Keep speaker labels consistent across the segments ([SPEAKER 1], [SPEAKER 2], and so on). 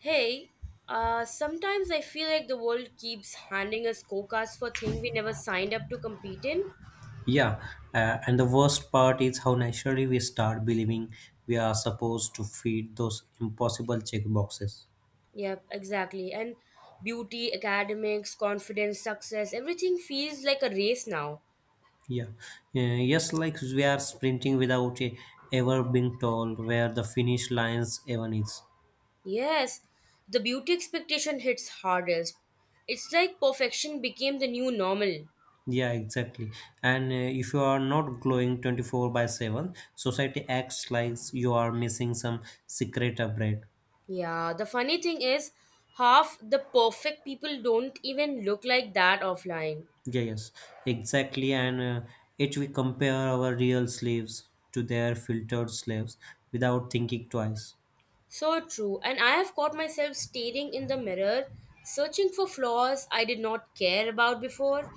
[SPEAKER 1] Hey, sometimes I feel like the world keeps handing us quotas for things we never signed up to compete in.
[SPEAKER 2] Yeah, and the worst part is how naturally we start believing we are supposed to feed those impossible checkboxes.
[SPEAKER 1] Yep, exactly. And beauty, academics, confidence, success, everything feels like a race now.
[SPEAKER 2] Yeah, yes, like we are sprinting without ever being told where the finish lines even is.
[SPEAKER 1] Yes, the beauty expectation hits hardest. It's like perfection became the new normal.
[SPEAKER 2] Yeah, exactly. And if you are not glowing 24 by 7, society acts like you are missing some secret upgrade.
[SPEAKER 1] Yeah, the funny thing is, half the perfect people don't even look like that offline.
[SPEAKER 2] Yeah, yes, exactly. And it we compare our real slaves to their filtered slaves without thinking twice.
[SPEAKER 1] So true. And I have caught myself staring in the mirror, searching for flaws I did not care about before.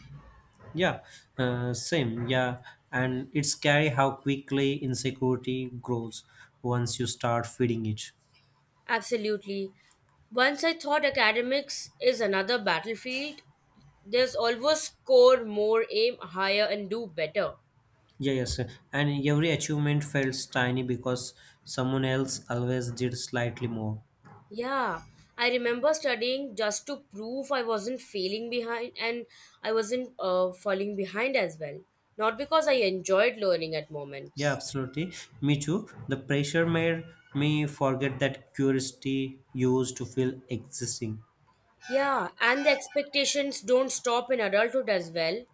[SPEAKER 2] Yeah, same. Yeah, and it's scary how quickly insecurity grows once you start feeding it.
[SPEAKER 1] Absolutely. Once I thought academics is another battlefield, there's always score more, aim higher, and do better.
[SPEAKER 2] Yeah, yes, and every achievement feels tiny because someone else always did slightly more.
[SPEAKER 1] Yeah, I remember studying just to prove I wasn't failing behind and I wasn't falling behind as well. Not because I enjoyed learning at
[SPEAKER 2] Yeah,
[SPEAKER 1] moments.
[SPEAKER 2] absolutely. Me too. The pressure made me forget that curiosity used to feel existing.
[SPEAKER 1] Yeah, and the expectations don't stop in adulthood as well.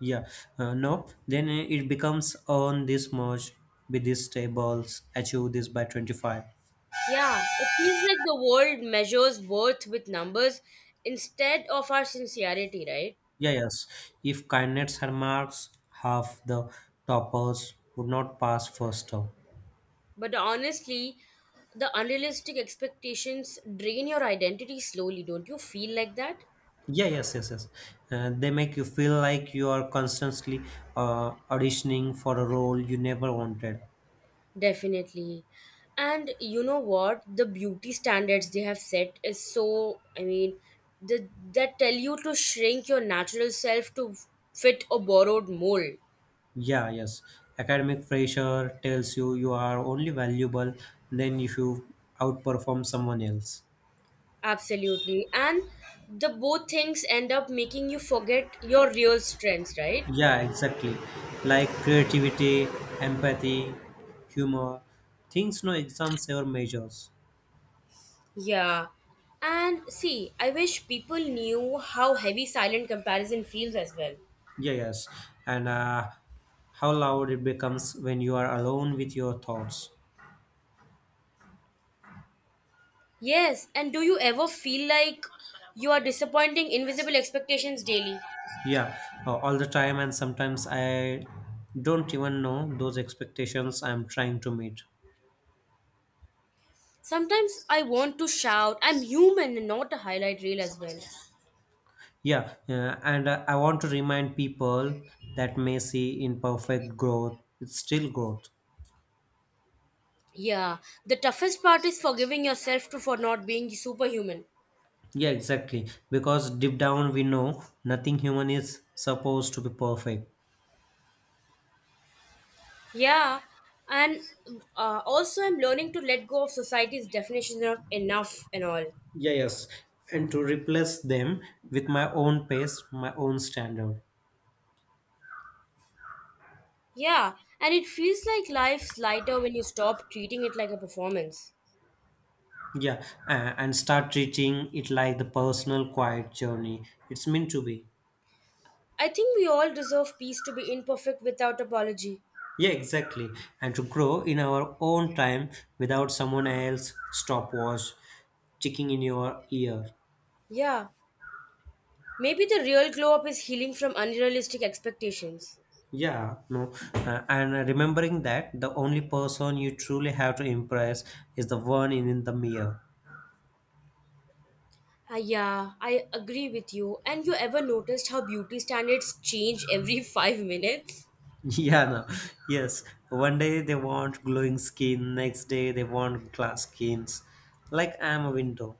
[SPEAKER 2] Yeah, no. Then it becomes on this merge with these tables, achieve this by 25.
[SPEAKER 1] Yeah, it feels like the world measures worth with numbers instead of our sincerity, right?
[SPEAKER 2] Yeah, yes. If kindness had marks, half the toppers would not pass first term.
[SPEAKER 1] But honestly, the unrealistic expectations drain your identity slowly. Don't you feel like that?
[SPEAKER 2] Yeah, yes, yes, yes. They make you feel like you are constantly auditioning for a role you never wanted.
[SPEAKER 1] Definitely. And you know what? The beauty standards they have set is so, I mean, the, that tell you to shrink your natural self to fit a borrowed mold.
[SPEAKER 2] Yeah, yes. Academic pressure tells you you are only valuable then if you outperform someone else.
[SPEAKER 1] Absolutely. And the both things end up making you forget your real strengths, right?
[SPEAKER 2] Yeah, exactly. Like creativity, empathy, humor, things no exams ever measures.
[SPEAKER 1] Yeah. And see, I wish people knew how heavy silent comparison feels as well.
[SPEAKER 2] Yeah, yes. And how loud it becomes when you are alone with your thoughts.
[SPEAKER 1] Yes, and do you ever feel like you are disappointing invisible expectations daily?
[SPEAKER 2] Yeah, all the time, and sometimes I don't even know those expectations I'm trying to meet.
[SPEAKER 1] Sometimes I want to shout, I'm human and not a highlight reel as well.
[SPEAKER 2] Yeah, and I want to remind people that messy, imperfect growth, it's still growth.
[SPEAKER 1] Yeah, the toughest part is forgiving yourself to for not being superhuman.
[SPEAKER 2] Yeah, exactly. Because deep down we know nothing human is supposed to be perfect.
[SPEAKER 1] Yeah, and also I'm learning to let go of society's definition of enough and all.
[SPEAKER 2] Yeah, yes. And to replace them with my own pace, my own standard.
[SPEAKER 1] Yeah, and it feels like life's lighter when you stop treating it like a performance.
[SPEAKER 2] Yeah, and start treating it like the personal quiet journey it's meant to be.
[SPEAKER 1] I think we all deserve peace to be imperfect without apology.
[SPEAKER 2] Yeah, exactly. And to grow in our own time without someone else stopwatch ticking in your ear.
[SPEAKER 1] Yeah, maybe the real glow up is healing from unrealistic expectations.
[SPEAKER 2] Yeah, no, and remembering that the only person you truly have to impress is the one in the mirror.
[SPEAKER 1] Ah, yeah, I agree with you. And you ever noticed how beauty standards change every 5 minutes?
[SPEAKER 2] Yeah, no, yes. One day they want glowing skin, next day they want glass skins. Like I'm a window.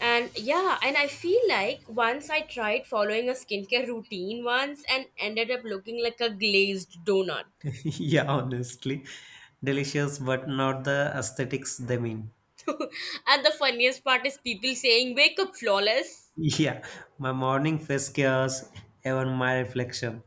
[SPEAKER 1] And yeah, and I feel like once I tried following a skincare routine once and ended up looking like a glazed donut.
[SPEAKER 2] Yeah, honestly, delicious, but not the aesthetics they mean.
[SPEAKER 1] And the funniest part is people saying, wake up flawless.
[SPEAKER 2] Yeah, my morning face cares, even my reflection.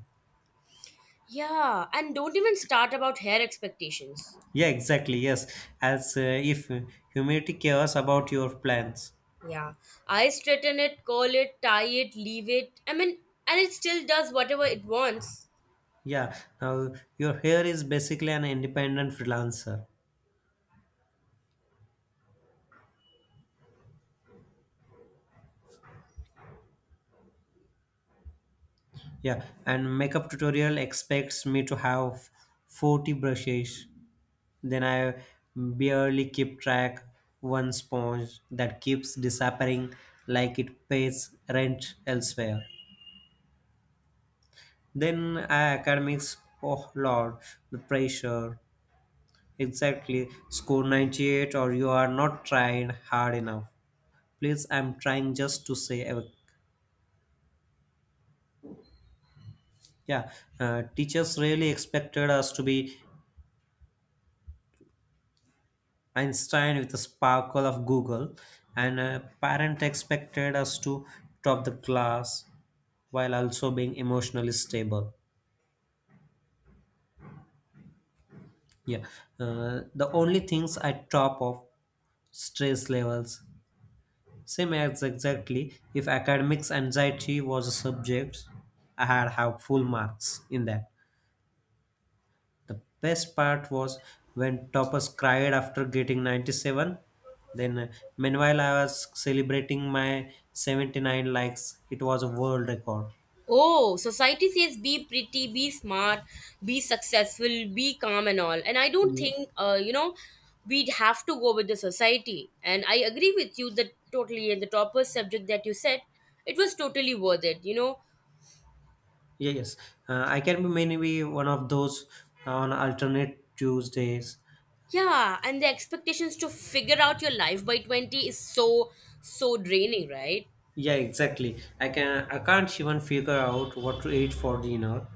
[SPEAKER 1] Yeah, and don't even start about hair expectations.
[SPEAKER 2] Yeah, exactly. Yes, as if humidity cares about your plans.
[SPEAKER 1] Yeah, I straighten it, curl it, tie it, leave it. I mean, and it still does whatever it wants.
[SPEAKER 2] Yeah, now your hair is basically an independent freelancer. Yeah, and makeup tutorial expects me to have 40 brushes. Then I barely keep track one sponge that keeps disappearing like it pays rent elsewhere. Then I academics, oh lord, the pressure. Exactly, score 98 or you are not trying hard enough. Please, I'm trying just to say a. Yeah, teachers really expected us to be Einstein with the sparkle of Google, and parent expected us to top the class while also being emotionally stable. Yeah, the only things I top of stress levels. Same as exactly if academics anxiety was a subject, I had have full marks in that. The best part was when Toppers cried after getting 97. Then, meanwhile, I was celebrating my 79 likes. It was a world record.
[SPEAKER 1] Oh, society says be pretty, be smart, be successful, be calm, and all. And I don't
[SPEAKER 2] Ye-
[SPEAKER 1] think, you know, we'd have to go with the society. And I agree with you that totally. And the topper subject that you said, it was totally worth it.
[SPEAKER 2] Yeah, yes. I can be maybe one of those on alternate Tuesdays.
[SPEAKER 1] Yeah, and the expectations to figure out your life by 20 is so, so draining, right?
[SPEAKER 2] Yeah, exactly. I can't even figure out what to eat for dinner.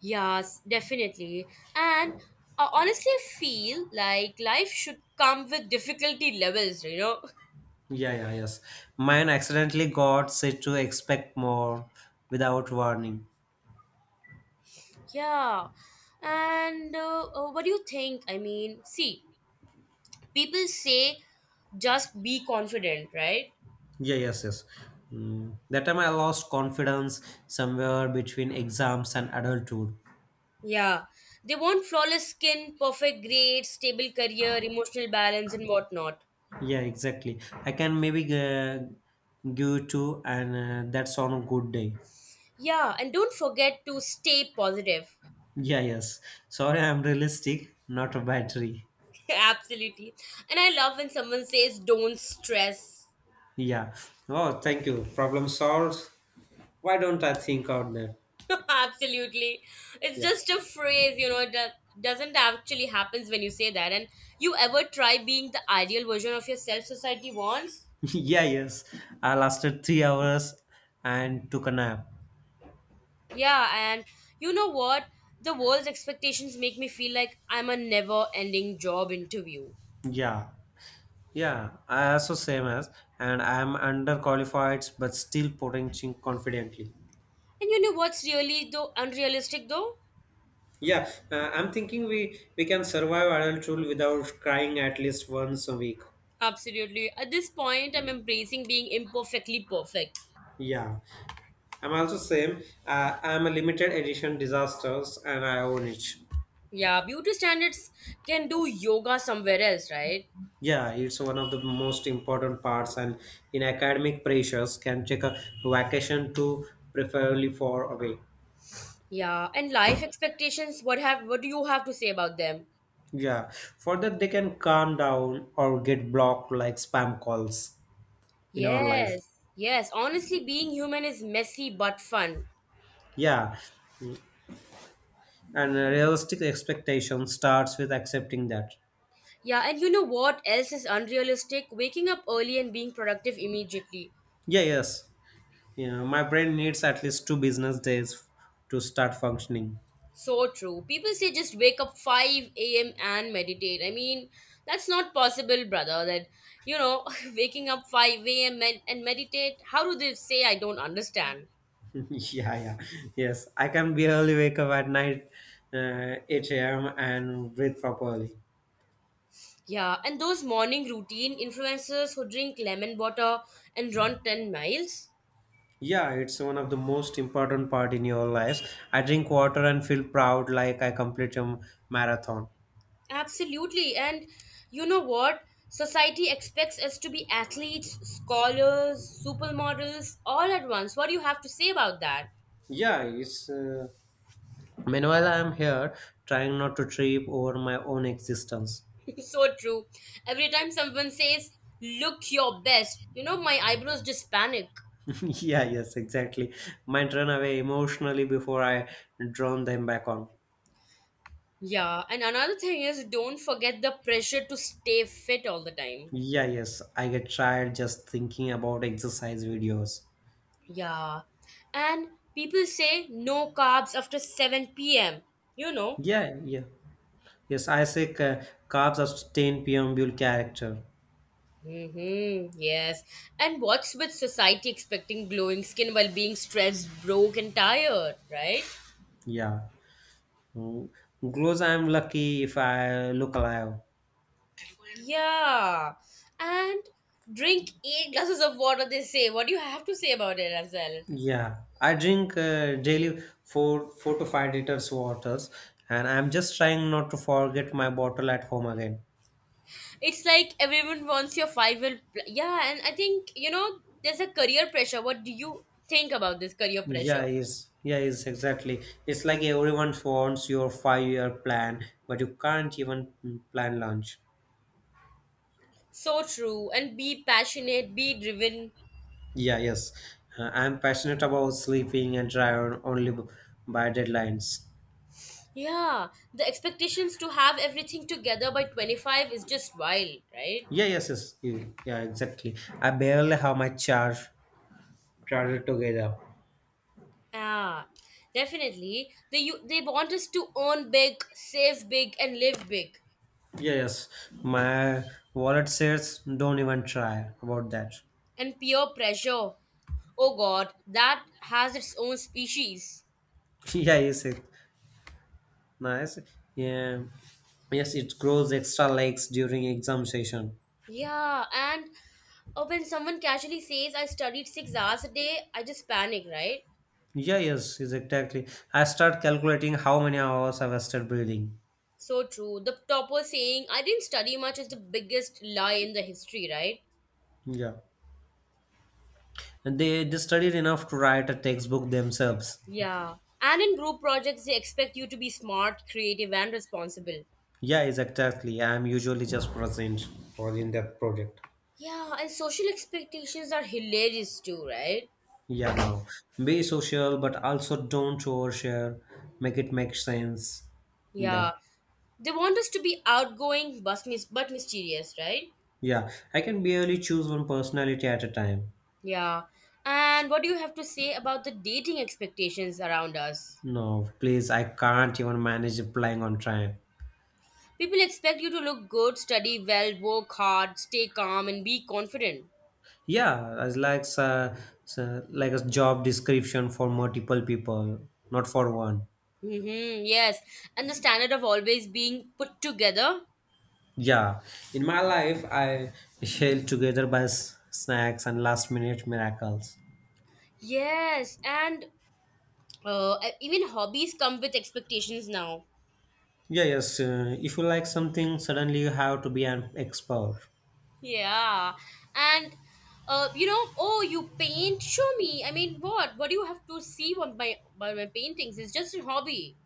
[SPEAKER 1] Yes, definitely. And I honestly feel like life should come with difficulty levels.
[SPEAKER 2] Yeah, yeah, yes. Mine accidentally got set to expect more without warning.
[SPEAKER 1] Yeah. And what do you think? I mean, see, people say just be confident, right?
[SPEAKER 2] Yeah, yes, yes. Mm. That time I lost confidence somewhere between exams and adulthood.
[SPEAKER 1] Yeah. They want flawless skin, perfect grades, stable career, emotional balance, and whatnot.
[SPEAKER 2] Yeah, exactly. I can maybe give two, and that's on a good day.
[SPEAKER 1] Yeah. And don't forget to stay positive.
[SPEAKER 2] Yeah, yes. Sorry, I'm realistic, not a battery.
[SPEAKER 1] Absolutely. And I love when someone says, don't stress.
[SPEAKER 2] Yeah. Oh, thank you. Problem solved. Why don't I think out there?
[SPEAKER 1] Absolutely. It's
[SPEAKER 2] Yeah.
[SPEAKER 1] just a phrase, you know, it doesn't actually happens when you say that. And you ever try being the ideal version of yourself society wants?
[SPEAKER 2] Yeah, yes. I lasted 3 hours and took a nap.
[SPEAKER 1] Yeah, and you know what? The world's expectations make me feel like I'm a never-ending job interview.
[SPEAKER 2] Yeah. Yeah, I also same as, and I am underqualified but still potential confidently.
[SPEAKER 1] And you know what's really though unrealistic though?
[SPEAKER 2] Yeah, I'm thinking we can survive adulthood without crying at least once a week.
[SPEAKER 1] Absolutely. At this point, I'm embracing being imperfectly perfect.
[SPEAKER 2] Yeah, I'm also same. I'm a limited edition disasters, and I own it.
[SPEAKER 1] Yeah, beauty standards can do yoga somewhere else, right?
[SPEAKER 2] Yeah, it's one of the most important parts, and in academic pressures, can take a vacation to preferably far away.
[SPEAKER 1] Yeah, and life expectations, what do you have to say about them?
[SPEAKER 2] Yeah, for that they can calm down or get blocked like spam calls in our life.
[SPEAKER 1] Yes. Yes, honestly being human is messy but fun.
[SPEAKER 2] Yeah, and a realistic expectation starts with accepting that.
[SPEAKER 1] Yeah, and you know what else is unrealistic? Waking up early and being productive immediately.
[SPEAKER 2] Yeah, yes, you know my brain needs at least 2 business days to start functioning.
[SPEAKER 1] So true. People say just wake up 5 a.m. and meditate. I mean, that's not possible, brother. That, you know, waking up 5 a.m. and meditate. How do they say? I don't understand.
[SPEAKER 2] Yeah, yeah, yes, I can barely wake up at night, 8 a.m and breathe properly.
[SPEAKER 1] Yeah, and those morning routine influencers who drink lemon water and run 10 miles?
[SPEAKER 2] Yeah, it's one of the most important part in your life. I drink water and feel proud like I complete a marathon.
[SPEAKER 1] Absolutely. And you know what? Society expects us to be athletes, scholars, supermodels, all at once. What do you have to say about that?
[SPEAKER 2] Yeah, it's meanwhile, I am here trying not to trip over my own existence.
[SPEAKER 1] So true. Every time someone says, look your best, you know, my eyebrows just panic.
[SPEAKER 2] Yeah, yes, exactly. Might run away emotionally before I drown them back on.
[SPEAKER 1] Yeah, and another thing is don't forget the pressure to stay fit all the time.
[SPEAKER 2] Yeah, yes, I get tired just thinking about exercise videos.
[SPEAKER 1] Yeah. And people say no carbs after 7 p.m. You know?
[SPEAKER 2] Yeah, yeah. Yes, Isaac carbs are 10 p.m. character.
[SPEAKER 1] Mm-hmm. Yes. And what's with society expecting glowing skin while being stressed, broke, and tired, right?
[SPEAKER 2] Yeah. Mm. Glows, I'm lucky if I look alive.
[SPEAKER 1] Yeah. And drink eight glasses of water, they say. What do you have to say about it as well?
[SPEAKER 2] Yeah, I drink daily 4 to 5 liters waters, and I'm just trying not to forget my bottle at home again.
[SPEAKER 1] It's like everyone wants your five will. Yeah. And I think, you know, there's a career pressure. What do you think about this career pressure?
[SPEAKER 2] Yeah, is exactly. It's like everyone wants your 5-year plan, but you can't even plan lunch.
[SPEAKER 1] So true. And be passionate, be driven.
[SPEAKER 2] Yeah, yes, I'm passionate about sleeping and try on only by deadlines.
[SPEAKER 1] Yeah, the expectations to have everything together by 25 is just wild, right?
[SPEAKER 2] Yeah, yes, yes, yeah, exactly. I barely have my charger together.
[SPEAKER 1] Yeah, definitely. They want us to earn big, save big, and live big.
[SPEAKER 2] Yeah, yes, my wallet says don't even try about that.
[SPEAKER 1] And peer pressure. Oh god, that has its own species.
[SPEAKER 2] Yeah, is it nice? Yeah, yes, it grows extra legs during exam session.
[SPEAKER 1] Yeah, and when someone casually says, I studied 6 hours a day, I just panic, right?
[SPEAKER 2] Yeah, yes, is exactly. I start calculating how many hours I wasted breathing.
[SPEAKER 1] So true. The topper saying, I didn't study much is the biggest lie in the history, right?
[SPEAKER 2] Yeah, and they studied enough to write a textbook themselves.
[SPEAKER 1] Yeah. And in group projects, they expect you to be smart, creative, and responsible.
[SPEAKER 2] Yeah, is exactly. I am usually just present or in that project.
[SPEAKER 1] Yeah, and social expectations are hilarious too, right?
[SPEAKER 2] Yeah, now be social, but also don't overshare. Make it make sense. In
[SPEAKER 1] Yeah.
[SPEAKER 2] that.
[SPEAKER 1] They want us to be outgoing but mysterious, right?
[SPEAKER 2] Yeah, I can barely choose one personality at a time.
[SPEAKER 1] Yeah. And what do you have to say about the dating expectations around us?
[SPEAKER 2] No, please, I can't even manage applying on time.
[SPEAKER 1] People expect you to look good, study well, work hard, stay calm, and be confident.
[SPEAKER 2] Yeah, as like like a job description for multiple people, not for one.
[SPEAKER 1] Mm-hmm, yes, and the standard of always being put together.
[SPEAKER 2] Yeah, in my life, I held together by snacks and last minute miracles.
[SPEAKER 1] Yes, and even hobbies come with expectations now.
[SPEAKER 2] Yeah, yes, if you like something, suddenly you have to be an expert.
[SPEAKER 1] Yeah, and you know, oh, you paint? Show me. I mean, what? What do you have to see on my by my paintings? It's just a hobby.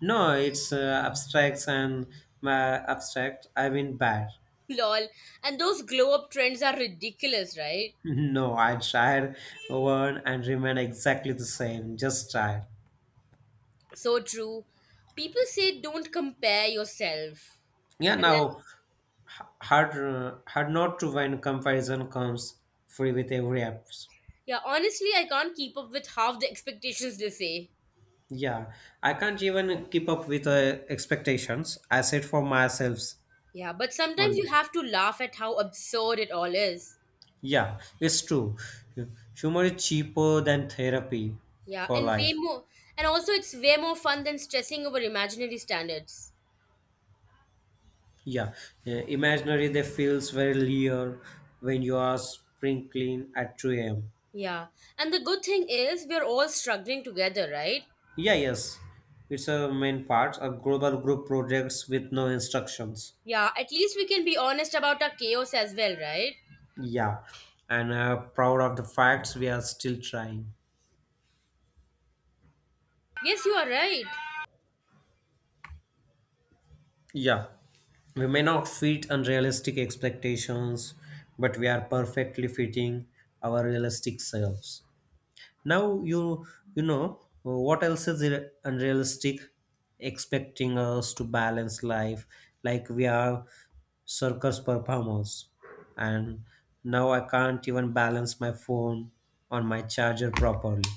[SPEAKER 2] No, it's abstracts and abstract. I mean bad.
[SPEAKER 1] Lol. And those glow up trends are ridiculous, right?
[SPEAKER 2] No, I tried one and remain exactly the same. Just tried.
[SPEAKER 1] So true. People say don't compare yourself,
[SPEAKER 2] Yeah,
[SPEAKER 1] and then
[SPEAKER 2] now hard not to when comparison comes free with every app.
[SPEAKER 1] yeah, honestly, I can't keep up with half the expectations they say.
[SPEAKER 2] Yeah, I can't even keep up with expectations. I set for myself
[SPEAKER 1] Yeah, but sometimes you
[SPEAKER 2] only.
[SPEAKER 1] have to laugh at how absurd it all is.
[SPEAKER 2] Yeah, it's true. Humor is cheaper than therapy
[SPEAKER 1] Yeah,
[SPEAKER 2] for
[SPEAKER 1] and way
[SPEAKER 2] life.
[SPEAKER 1] more, and also it's way more fun than stressing over imaginary standards.
[SPEAKER 2] Yeah, imaginary they feels very real when you are sprinkling at 2 a.m.
[SPEAKER 1] Yeah, and the good thing is we're all struggling together, right?
[SPEAKER 2] Yeah, yes, it's a main part of global group projects with no instructions.
[SPEAKER 1] Yeah, at least we can be honest about our chaos as well, right?
[SPEAKER 2] Yeah, and proud of the facts we are still trying.
[SPEAKER 1] Yes, you are right.
[SPEAKER 2] Yeah, we may not fit unrealistic expectations, but we are perfectly fitting our realistic selves. Now you know what else is unrealistic, expecting us to balance life like we are circus performers, and now I can't even balance my phone on my charger properly.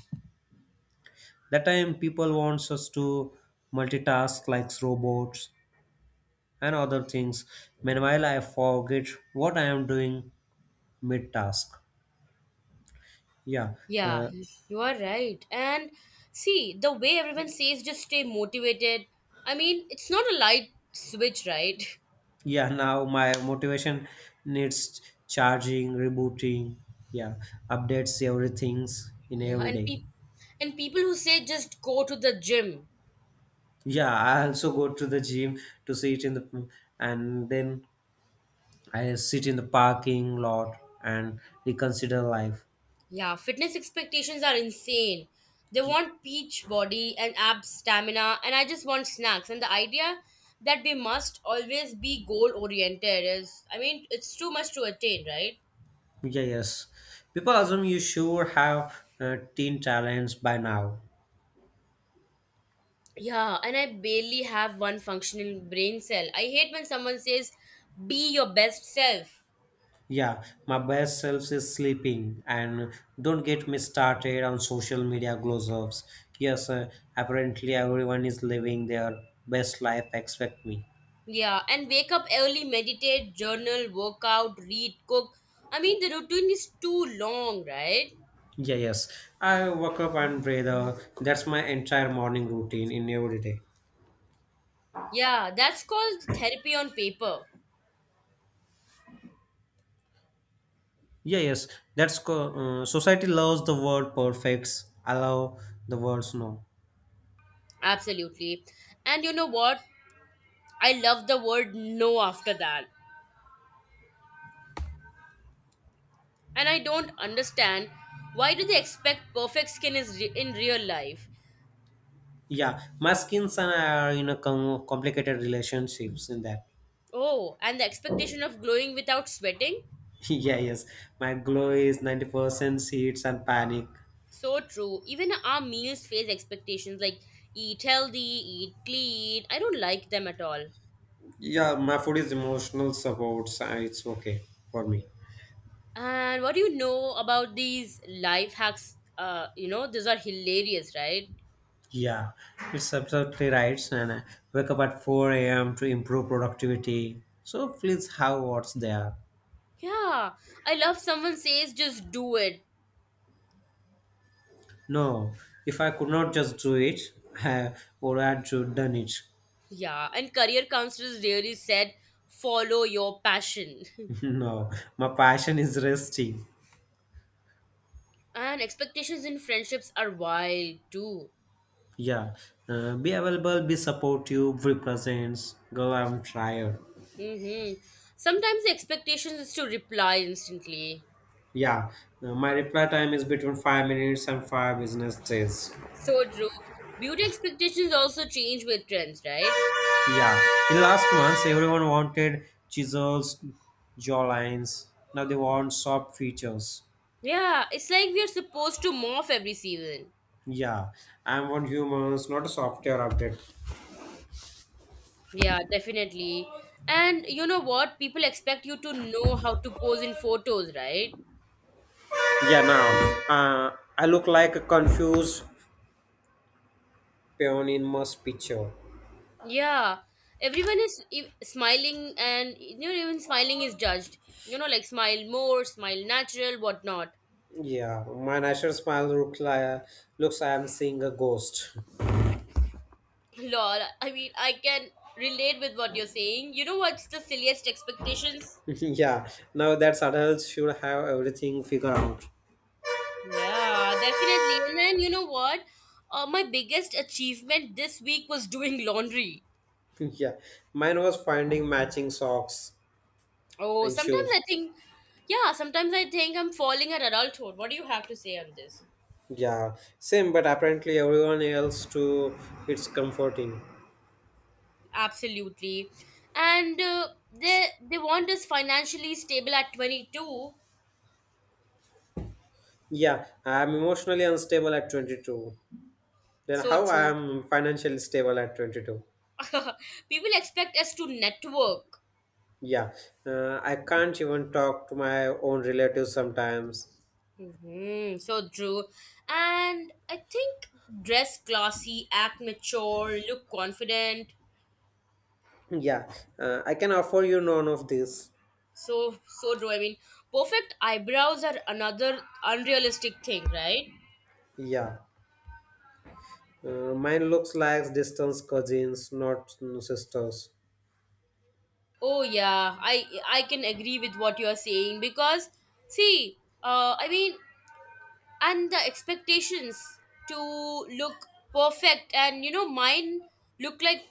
[SPEAKER 2] That time people wants us to multitask like robots and other things, meanwhile I forget what I am doing mid task. Yeah,
[SPEAKER 1] Yeah,
[SPEAKER 2] uh,
[SPEAKER 1] you are right. And see, the way everyone says just stay motivated. I mean, it's not a light switch, right?
[SPEAKER 2] yeah, now my motivation needs charging, rebooting. Yeah, updates everything's in
[SPEAKER 1] Yeah,
[SPEAKER 2] every
[SPEAKER 1] and
[SPEAKER 2] day.
[SPEAKER 1] people who say just go to the gym.
[SPEAKER 2] Yeah, I also go to the gym to sit in the and then I sit in the parking lot and reconsider life.
[SPEAKER 1] Yeah, fitness expectations are insane. They
[SPEAKER 2] Y-
[SPEAKER 1] want peach body and abs stamina, and I just want snacks. And the idea that we must always be goal oriented is, I mean, it's too much to attain, right?
[SPEAKER 2] yeah, yes, people assume you sure have teen talents by now.
[SPEAKER 1] Yeah, and I barely have one functional brain cell. I hate when someone says, be your best self.
[SPEAKER 2] Yeah, my best self is sleeping, and don't get me started on social media glows ups. Yes, apparently everyone is living their best life except me.
[SPEAKER 1] Yeah, and wake up early, meditate, journal, workout, read, cook. I mean, the routine is too long, right?
[SPEAKER 2] Yeah, yes, I wake up and breathe. That's my entire morning routine in every day.
[SPEAKER 1] Yeah, that's called therapy on paper.
[SPEAKER 2] Yeah, yes, society loves the word perfects. Allow the words no.
[SPEAKER 1] Absolutely. And you know what? I love the word no after that. And I don't understand why do they expect perfect skin is in real life?
[SPEAKER 2] Yeah, my skin and I are in a complicated relationships in that.
[SPEAKER 1] Oh, and the expectation of glowing without sweating?
[SPEAKER 2] Yeah, yes. My glow is 90% seeds and panic.
[SPEAKER 1] So true. Even our meals face expectations like eat healthy, eat clean. I don't like them at all.
[SPEAKER 2] Yeah, my food is emotional supports. So it's okay for
[SPEAKER 1] Yeah.
[SPEAKER 2] me.
[SPEAKER 1] And what do you know about these life hacks? You know, these are hilarious, right?
[SPEAKER 2] Yeah, it's absolutely right. And I wake up at 4 a.m. to improve productivity. So please have what's there.
[SPEAKER 1] Yeah. I love someone says just do it.
[SPEAKER 2] No, if I could not just do it, I would have to done it.
[SPEAKER 1] Yeah, and career counselors really said follow your passion.
[SPEAKER 2] No, my passion is resting.
[SPEAKER 1] And expectations in friendships are wild too.
[SPEAKER 2] Yeah, be available, be supportive, be present. Girl, I'm tired.
[SPEAKER 1] Hmm. Sometimes the expectations is to reply instantly.
[SPEAKER 2] Yeah, my reply time is between 5 minutes and five business days.
[SPEAKER 1] So true. Beauty expectations also change with trends, right?
[SPEAKER 2] Yeah, in the last months, everyone wanted chisels, jawlines. Now they want soft features.
[SPEAKER 1] Yeah, it's like we are supposed to morph every season.
[SPEAKER 2] Yeah, I want humans, not a software update.
[SPEAKER 1] Yeah, definitely. And you know what? People expect you to know how to pose in photos, right?
[SPEAKER 2] Yeah, now I look like a confused peon in most picture.
[SPEAKER 1] Yeah, everyone is smiling, and you know, even smiling is judged. You know, like smile more, smile natural, whatnot.
[SPEAKER 2] Yeah, my natural smile looks I am seeing a ghost.
[SPEAKER 1] Lol, I mean, I can relate with what you're saying. You know what's the silliest expectations?
[SPEAKER 2] Yeah, now that's adults should have everything figured out.
[SPEAKER 1] Yeah, definitely. And then you know what? My biggest achievement this week was doing laundry.
[SPEAKER 2] Yeah, mine was finding matching socks
[SPEAKER 1] Oh,
[SPEAKER 2] and
[SPEAKER 1] sometimes I
[SPEAKER 2] shoes.
[SPEAKER 1] think, yeah, sometimes I think I'm falling at adulthood. What do you have to say on this?
[SPEAKER 2] Yeah, same, but apparently everyone else too, it's comforting.
[SPEAKER 1] Absolutely. And they want us financially stable at 22.
[SPEAKER 2] Yeah, I am emotionally unstable at 22. Then
[SPEAKER 1] So
[SPEAKER 2] how I
[SPEAKER 1] true.
[SPEAKER 2] am financially stable at 22?
[SPEAKER 1] People expect us to network.
[SPEAKER 2] Yeah, I can't even talk to my own relatives sometimes.
[SPEAKER 1] Hmm. So true. And I think dress classy, act mature, look confident.
[SPEAKER 2] Yeah, I can offer you none of this.
[SPEAKER 1] So so true. I mean, perfect eyebrows are another unrealistic thing, right?
[SPEAKER 2] Yeah, mine looks like distant cousins, not sisters.
[SPEAKER 1] Oh yeah, I can agree with what you are saying because see, I mean and the expectations to look perfect and you know mine look like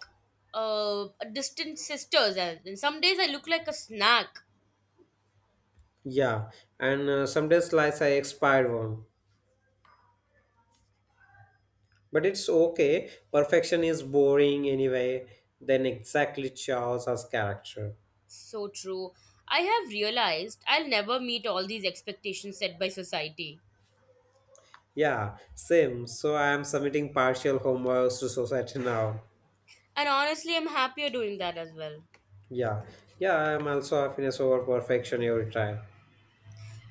[SPEAKER 1] a distant sisters and some days I look like a snack.
[SPEAKER 2] Yeah, and some slice I expired one, but it's okay. Perfection is boring anyway. Then exactly shows as character.
[SPEAKER 1] So true. I have realized I'll never meet all these expectations set by society,
[SPEAKER 2] Yeah, same. So I am submitting partial homeworks to society now.
[SPEAKER 1] and honestly I'm happier doing that as well.
[SPEAKER 2] Yeah, yeah. I am also happiness over perfection every time.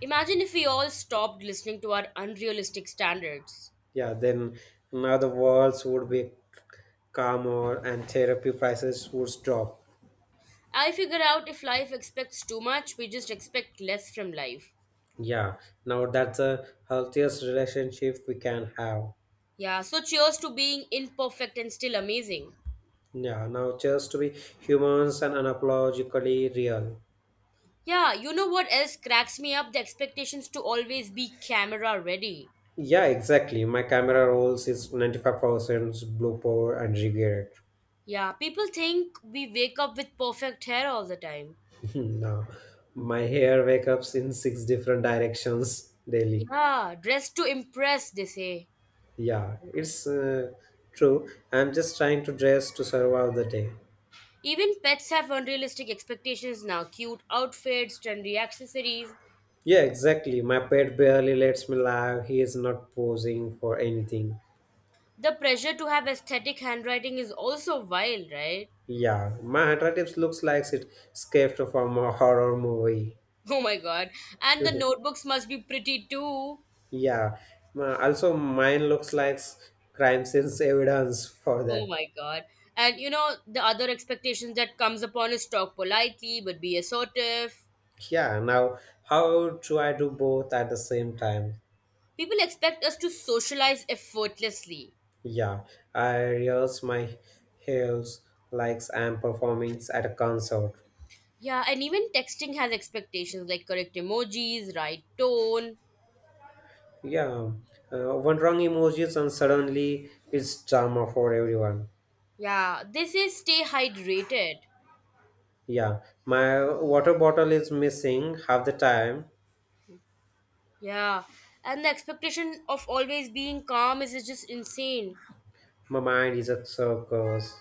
[SPEAKER 1] Imagine if we all stopped listening to our unrealistic standards.
[SPEAKER 2] Yeah, then now the worlds would be calmer and therapy prices would drop.
[SPEAKER 1] I figure out if life expects too much we just expect less from life.
[SPEAKER 2] Yeah, now that's the healthiest relationship we can have.
[SPEAKER 1] Yeah, so cheers to being imperfect and still amazing.
[SPEAKER 2] Yeah, now just to be humans and unapologetically real.
[SPEAKER 1] Yeah, you know what else cracks me up? The expectations to always be camera ready.
[SPEAKER 2] Yeah, exactly. My camera rolls is 95% blue power and regret.
[SPEAKER 1] Yeah, people think we wake up with perfect hair all the time.
[SPEAKER 2] Now, my hair wakes up in six different directions daily.
[SPEAKER 1] Yeah, dressed to impress, they say.
[SPEAKER 2] Yeah, it's true. I'm just trying to dress to survive the day.
[SPEAKER 1] Even pets have unrealistic expectations now, cute outfits, trendy accessories.
[SPEAKER 2] Yeah, exactly. My pet barely lets me laugh. He is not posing for anything.
[SPEAKER 1] The pressure to have aesthetic handwriting is also wild, right?
[SPEAKER 2] Yeah, my handwriting looks like it escaped from a horror movie.
[SPEAKER 1] Oh my god. And the notebooks must be pretty too.
[SPEAKER 2] Yeah. Also, mine looks like crime scenes evidence for
[SPEAKER 1] Oh
[SPEAKER 2] that.
[SPEAKER 1] my god. And you know the other expectations that comes upon is talk politely but be assertive.
[SPEAKER 2] Yeah. Now, how do I do both at the same time?
[SPEAKER 1] People expect us to socialize effortlessly.
[SPEAKER 2] Yeah. I rehearse my heels, likes, and performings at a concert.
[SPEAKER 1] Yeah, and even texting has expectations like correct emojis, right tone.
[SPEAKER 2] Yeah. One wrong emojis and suddenly it's drama for everyone.
[SPEAKER 1] Yeah, they say stay hydrated.
[SPEAKER 2] Yeah. My water bottle is missing half the time.
[SPEAKER 1] Yeah, and the expectation of always being calm is just insane.
[SPEAKER 2] My mind is a circus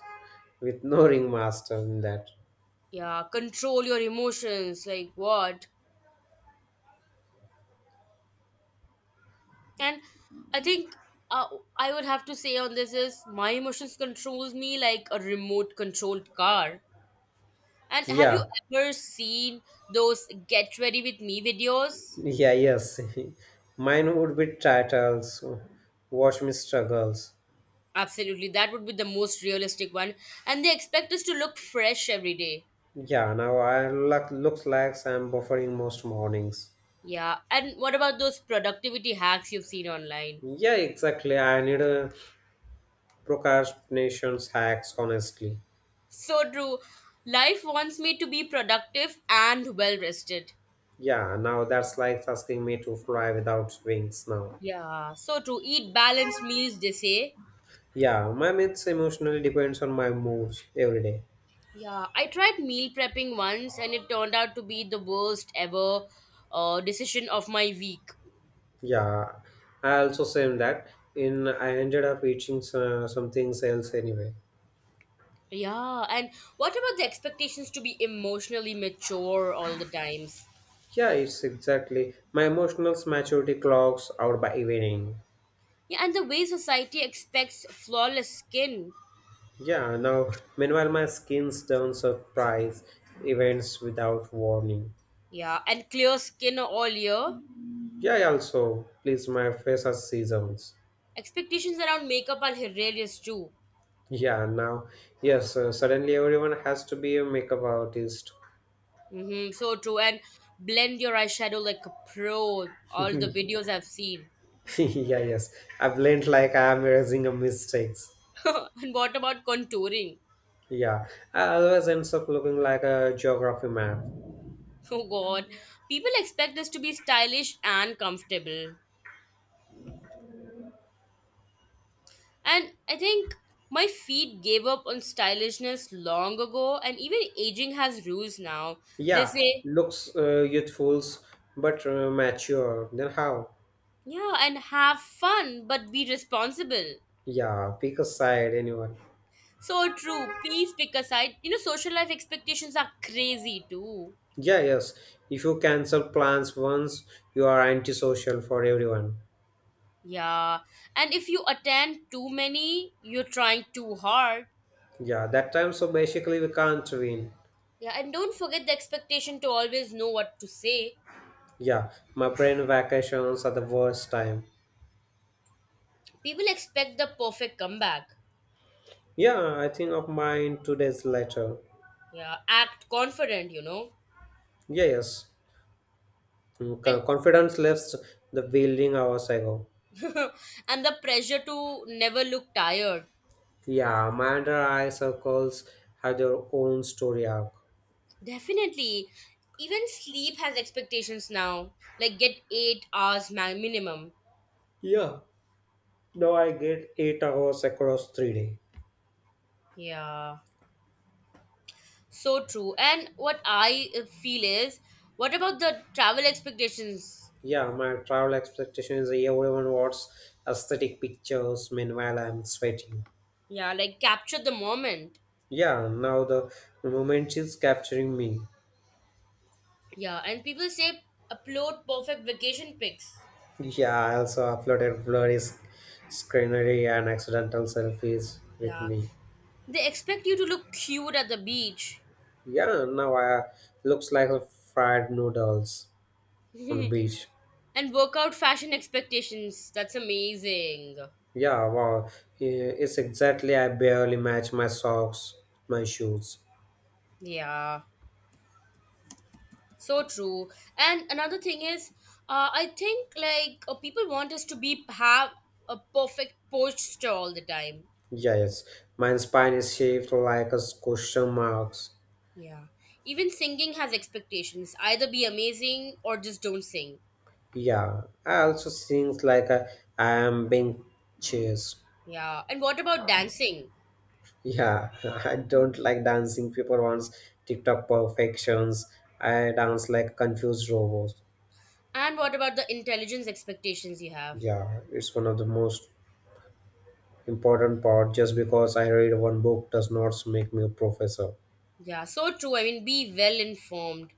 [SPEAKER 2] with no ringmaster in that.
[SPEAKER 1] Yeah, control your emotions, like what? And I think, uh, I would have to say on this is my emotions controls me like a remote controlled car. And have you
[SPEAKER 2] Yeah.
[SPEAKER 1] ever seen those get ready with me videos?
[SPEAKER 2] Yeah, yes. Mine would be titles. Watch me struggles.
[SPEAKER 1] Absolutely, that would be the most realistic one. And they expect us to look fresh every day.
[SPEAKER 2] Yeah, now I looks like I'm buffering most mornings.
[SPEAKER 1] Yeah, and what about those productivity hacks you've seen online?
[SPEAKER 2] Yeah, exactly. I need a procrastination hacks, honestly.
[SPEAKER 1] So true. Life wants me to be productive and well rested.
[SPEAKER 2] Yeah, now that's like asking me to fly without wings now.
[SPEAKER 1] Yeah, so true. Eat balanced meals, they say.
[SPEAKER 2] Yeah, my myths emotionally depends on my moods every day.
[SPEAKER 1] Yeah, I tried meal prepping once and it turned out to be the worst ever decision of my week.
[SPEAKER 2] Yeah, I also say that in I ended up eating some things else anyway.
[SPEAKER 1] Yeah, and what about the expectations to be emotionally mature all the times?
[SPEAKER 2] Yeah, it's exactly. My emotional maturity clocks out by evening.
[SPEAKER 1] Yeah, and the way society expects flawless skin,
[SPEAKER 2] Yeah, now meanwhile my skin's turn surprise events without warning.
[SPEAKER 1] yeah, and clear skin all year.
[SPEAKER 2] Yeah, I also please my face has seasons.
[SPEAKER 1] Expectations around makeup are hilarious too.
[SPEAKER 2] Yeah, suddenly everyone has to be a makeup artist.
[SPEAKER 1] Mm-hmm, so true. And blend your eyeshadow like a pro, all the videos I've seen.
[SPEAKER 2] Yeah, yes, I blend like I am erasing a mistakes.
[SPEAKER 1] And what about contouring?
[SPEAKER 2] Yeah, I always ends up looking like a geography map.
[SPEAKER 1] Oh god, people expect us to be stylish and comfortable. And I think my feet gave up on stylishness long ago, and even aging has rules now. They
[SPEAKER 2] Yeah,
[SPEAKER 1] say,
[SPEAKER 2] looks youthful but mature. Then how?
[SPEAKER 1] yeah, and have fun, but be responsible.
[SPEAKER 2] Yeah, pick a side, anyone.
[SPEAKER 1] So true. Please pick a side. You know, social life expectations are crazy too.
[SPEAKER 2] Yeah, yes. If you cancel plans once, you are antisocial for everyone.
[SPEAKER 1] Yeah. And if you attend too many, you're trying too hard.
[SPEAKER 2] Yeah, that time, so basically, we can't win.
[SPEAKER 1] Yeah, and don't forget the expectation to always know what to say.
[SPEAKER 2] Yeah, my brain vacations are the worst time.
[SPEAKER 1] People expect the perfect comeback.
[SPEAKER 2] Yeah, I think of mine 2 days later.
[SPEAKER 1] Yeah, act confident, you know.
[SPEAKER 2] Yeah, yes.
[SPEAKER 1] And.
[SPEAKER 2] Confidence left the building hours ago.
[SPEAKER 1] And the pressure to never look tired.
[SPEAKER 2] Yeah, Amanda eye circles have their own story arc.
[SPEAKER 1] Definitely. Even sleep has expectations now. Like get 8 hours minimum.
[SPEAKER 2] Yeah, now I get 8 hours across 3 days.
[SPEAKER 1] Yeah. So true. And what I feel is, what about the travel expectations?
[SPEAKER 2] Yeah, my travel expectation is everyone wants aesthetic pictures. Meanwhile, I'm sweating.
[SPEAKER 1] Yeah, like capture the moment.
[SPEAKER 2] Yeah, now the moment is capturing me.
[SPEAKER 1] Yeah, and people say upload perfect vacation pics.
[SPEAKER 2] Yeah, I also uploaded blurry screenery and accidental selfies with
[SPEAKER 1] Yeah.
[SPEAKER 2] me.
[SPEAKER 1] They expect you to look cute at the beach.
[SPEAKER 2] Yeah, now I looks like a fried noodles on the
[SPEAKER 1] And
[SPEAKER 2] beach.
[SPEAKER 1] workout fashion expectations. That's amazing.
[SPEAKER 2] Yeah, wow, it's exactly I barely match my socks, my shoes.
[SPEAKER 1] Yeah, so true. And another thing is, I think people want us to be have a perfect posture all the time.
[SPEAKER 2] Yeah, yes, my spine is shaped like a question marks.
[SPEAKER 1] Yeah, even singing has expectations. Either be amazing or just don't sing.
[SPEAKER 2] Yeah, I also sings like I am being chased.
[SPEAKER 1] Yeah, and what about dancing?
[SPEAKER 2] Yeah, I don't like dancing. People wants TikTok perfections. I dance like confused robots.
[SPEAKER 1] And what about the intelligence expectations you have?
[SPEAKER 2] Yeah, it's one of the most important part. Just because I read one book does not make me a professor.
[SPEAKER 1] Yeah, so true. I mean, be well informed.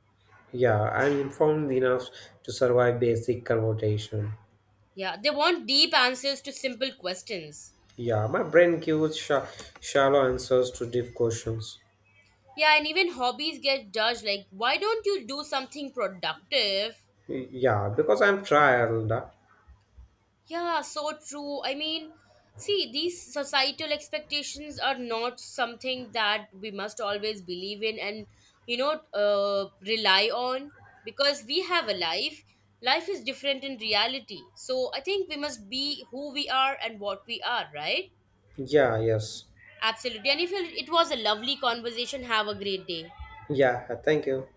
[SPEAKER 2] Yeah, I'm informed enough to survive basic conversation.
[SPEAKER 1] Yeah, they want deep answers to simple questions.
[SPEAKER 2] Yeah, my brain gives shallow answers to deep questions.
[SPEAKER 1] Yeah, and even hobbies get judged like, why don't you do something productive?
[SPEAKER 2] Yeah, because I'm tired.
[SPEAKER 1] Yeah, so true. I mean, see, these societal expectations are not something that we must always believe in and, you know, rely on because we have a life. Life is different in reality. So I think we must be who we are and what we are, right?
[SPEAKER 2] Yeah, yes.
[SPEAKER 1] Absolutely. And if it was a lovely conversation, have a great day.
[SPEAKER 2] Yeah, thank you.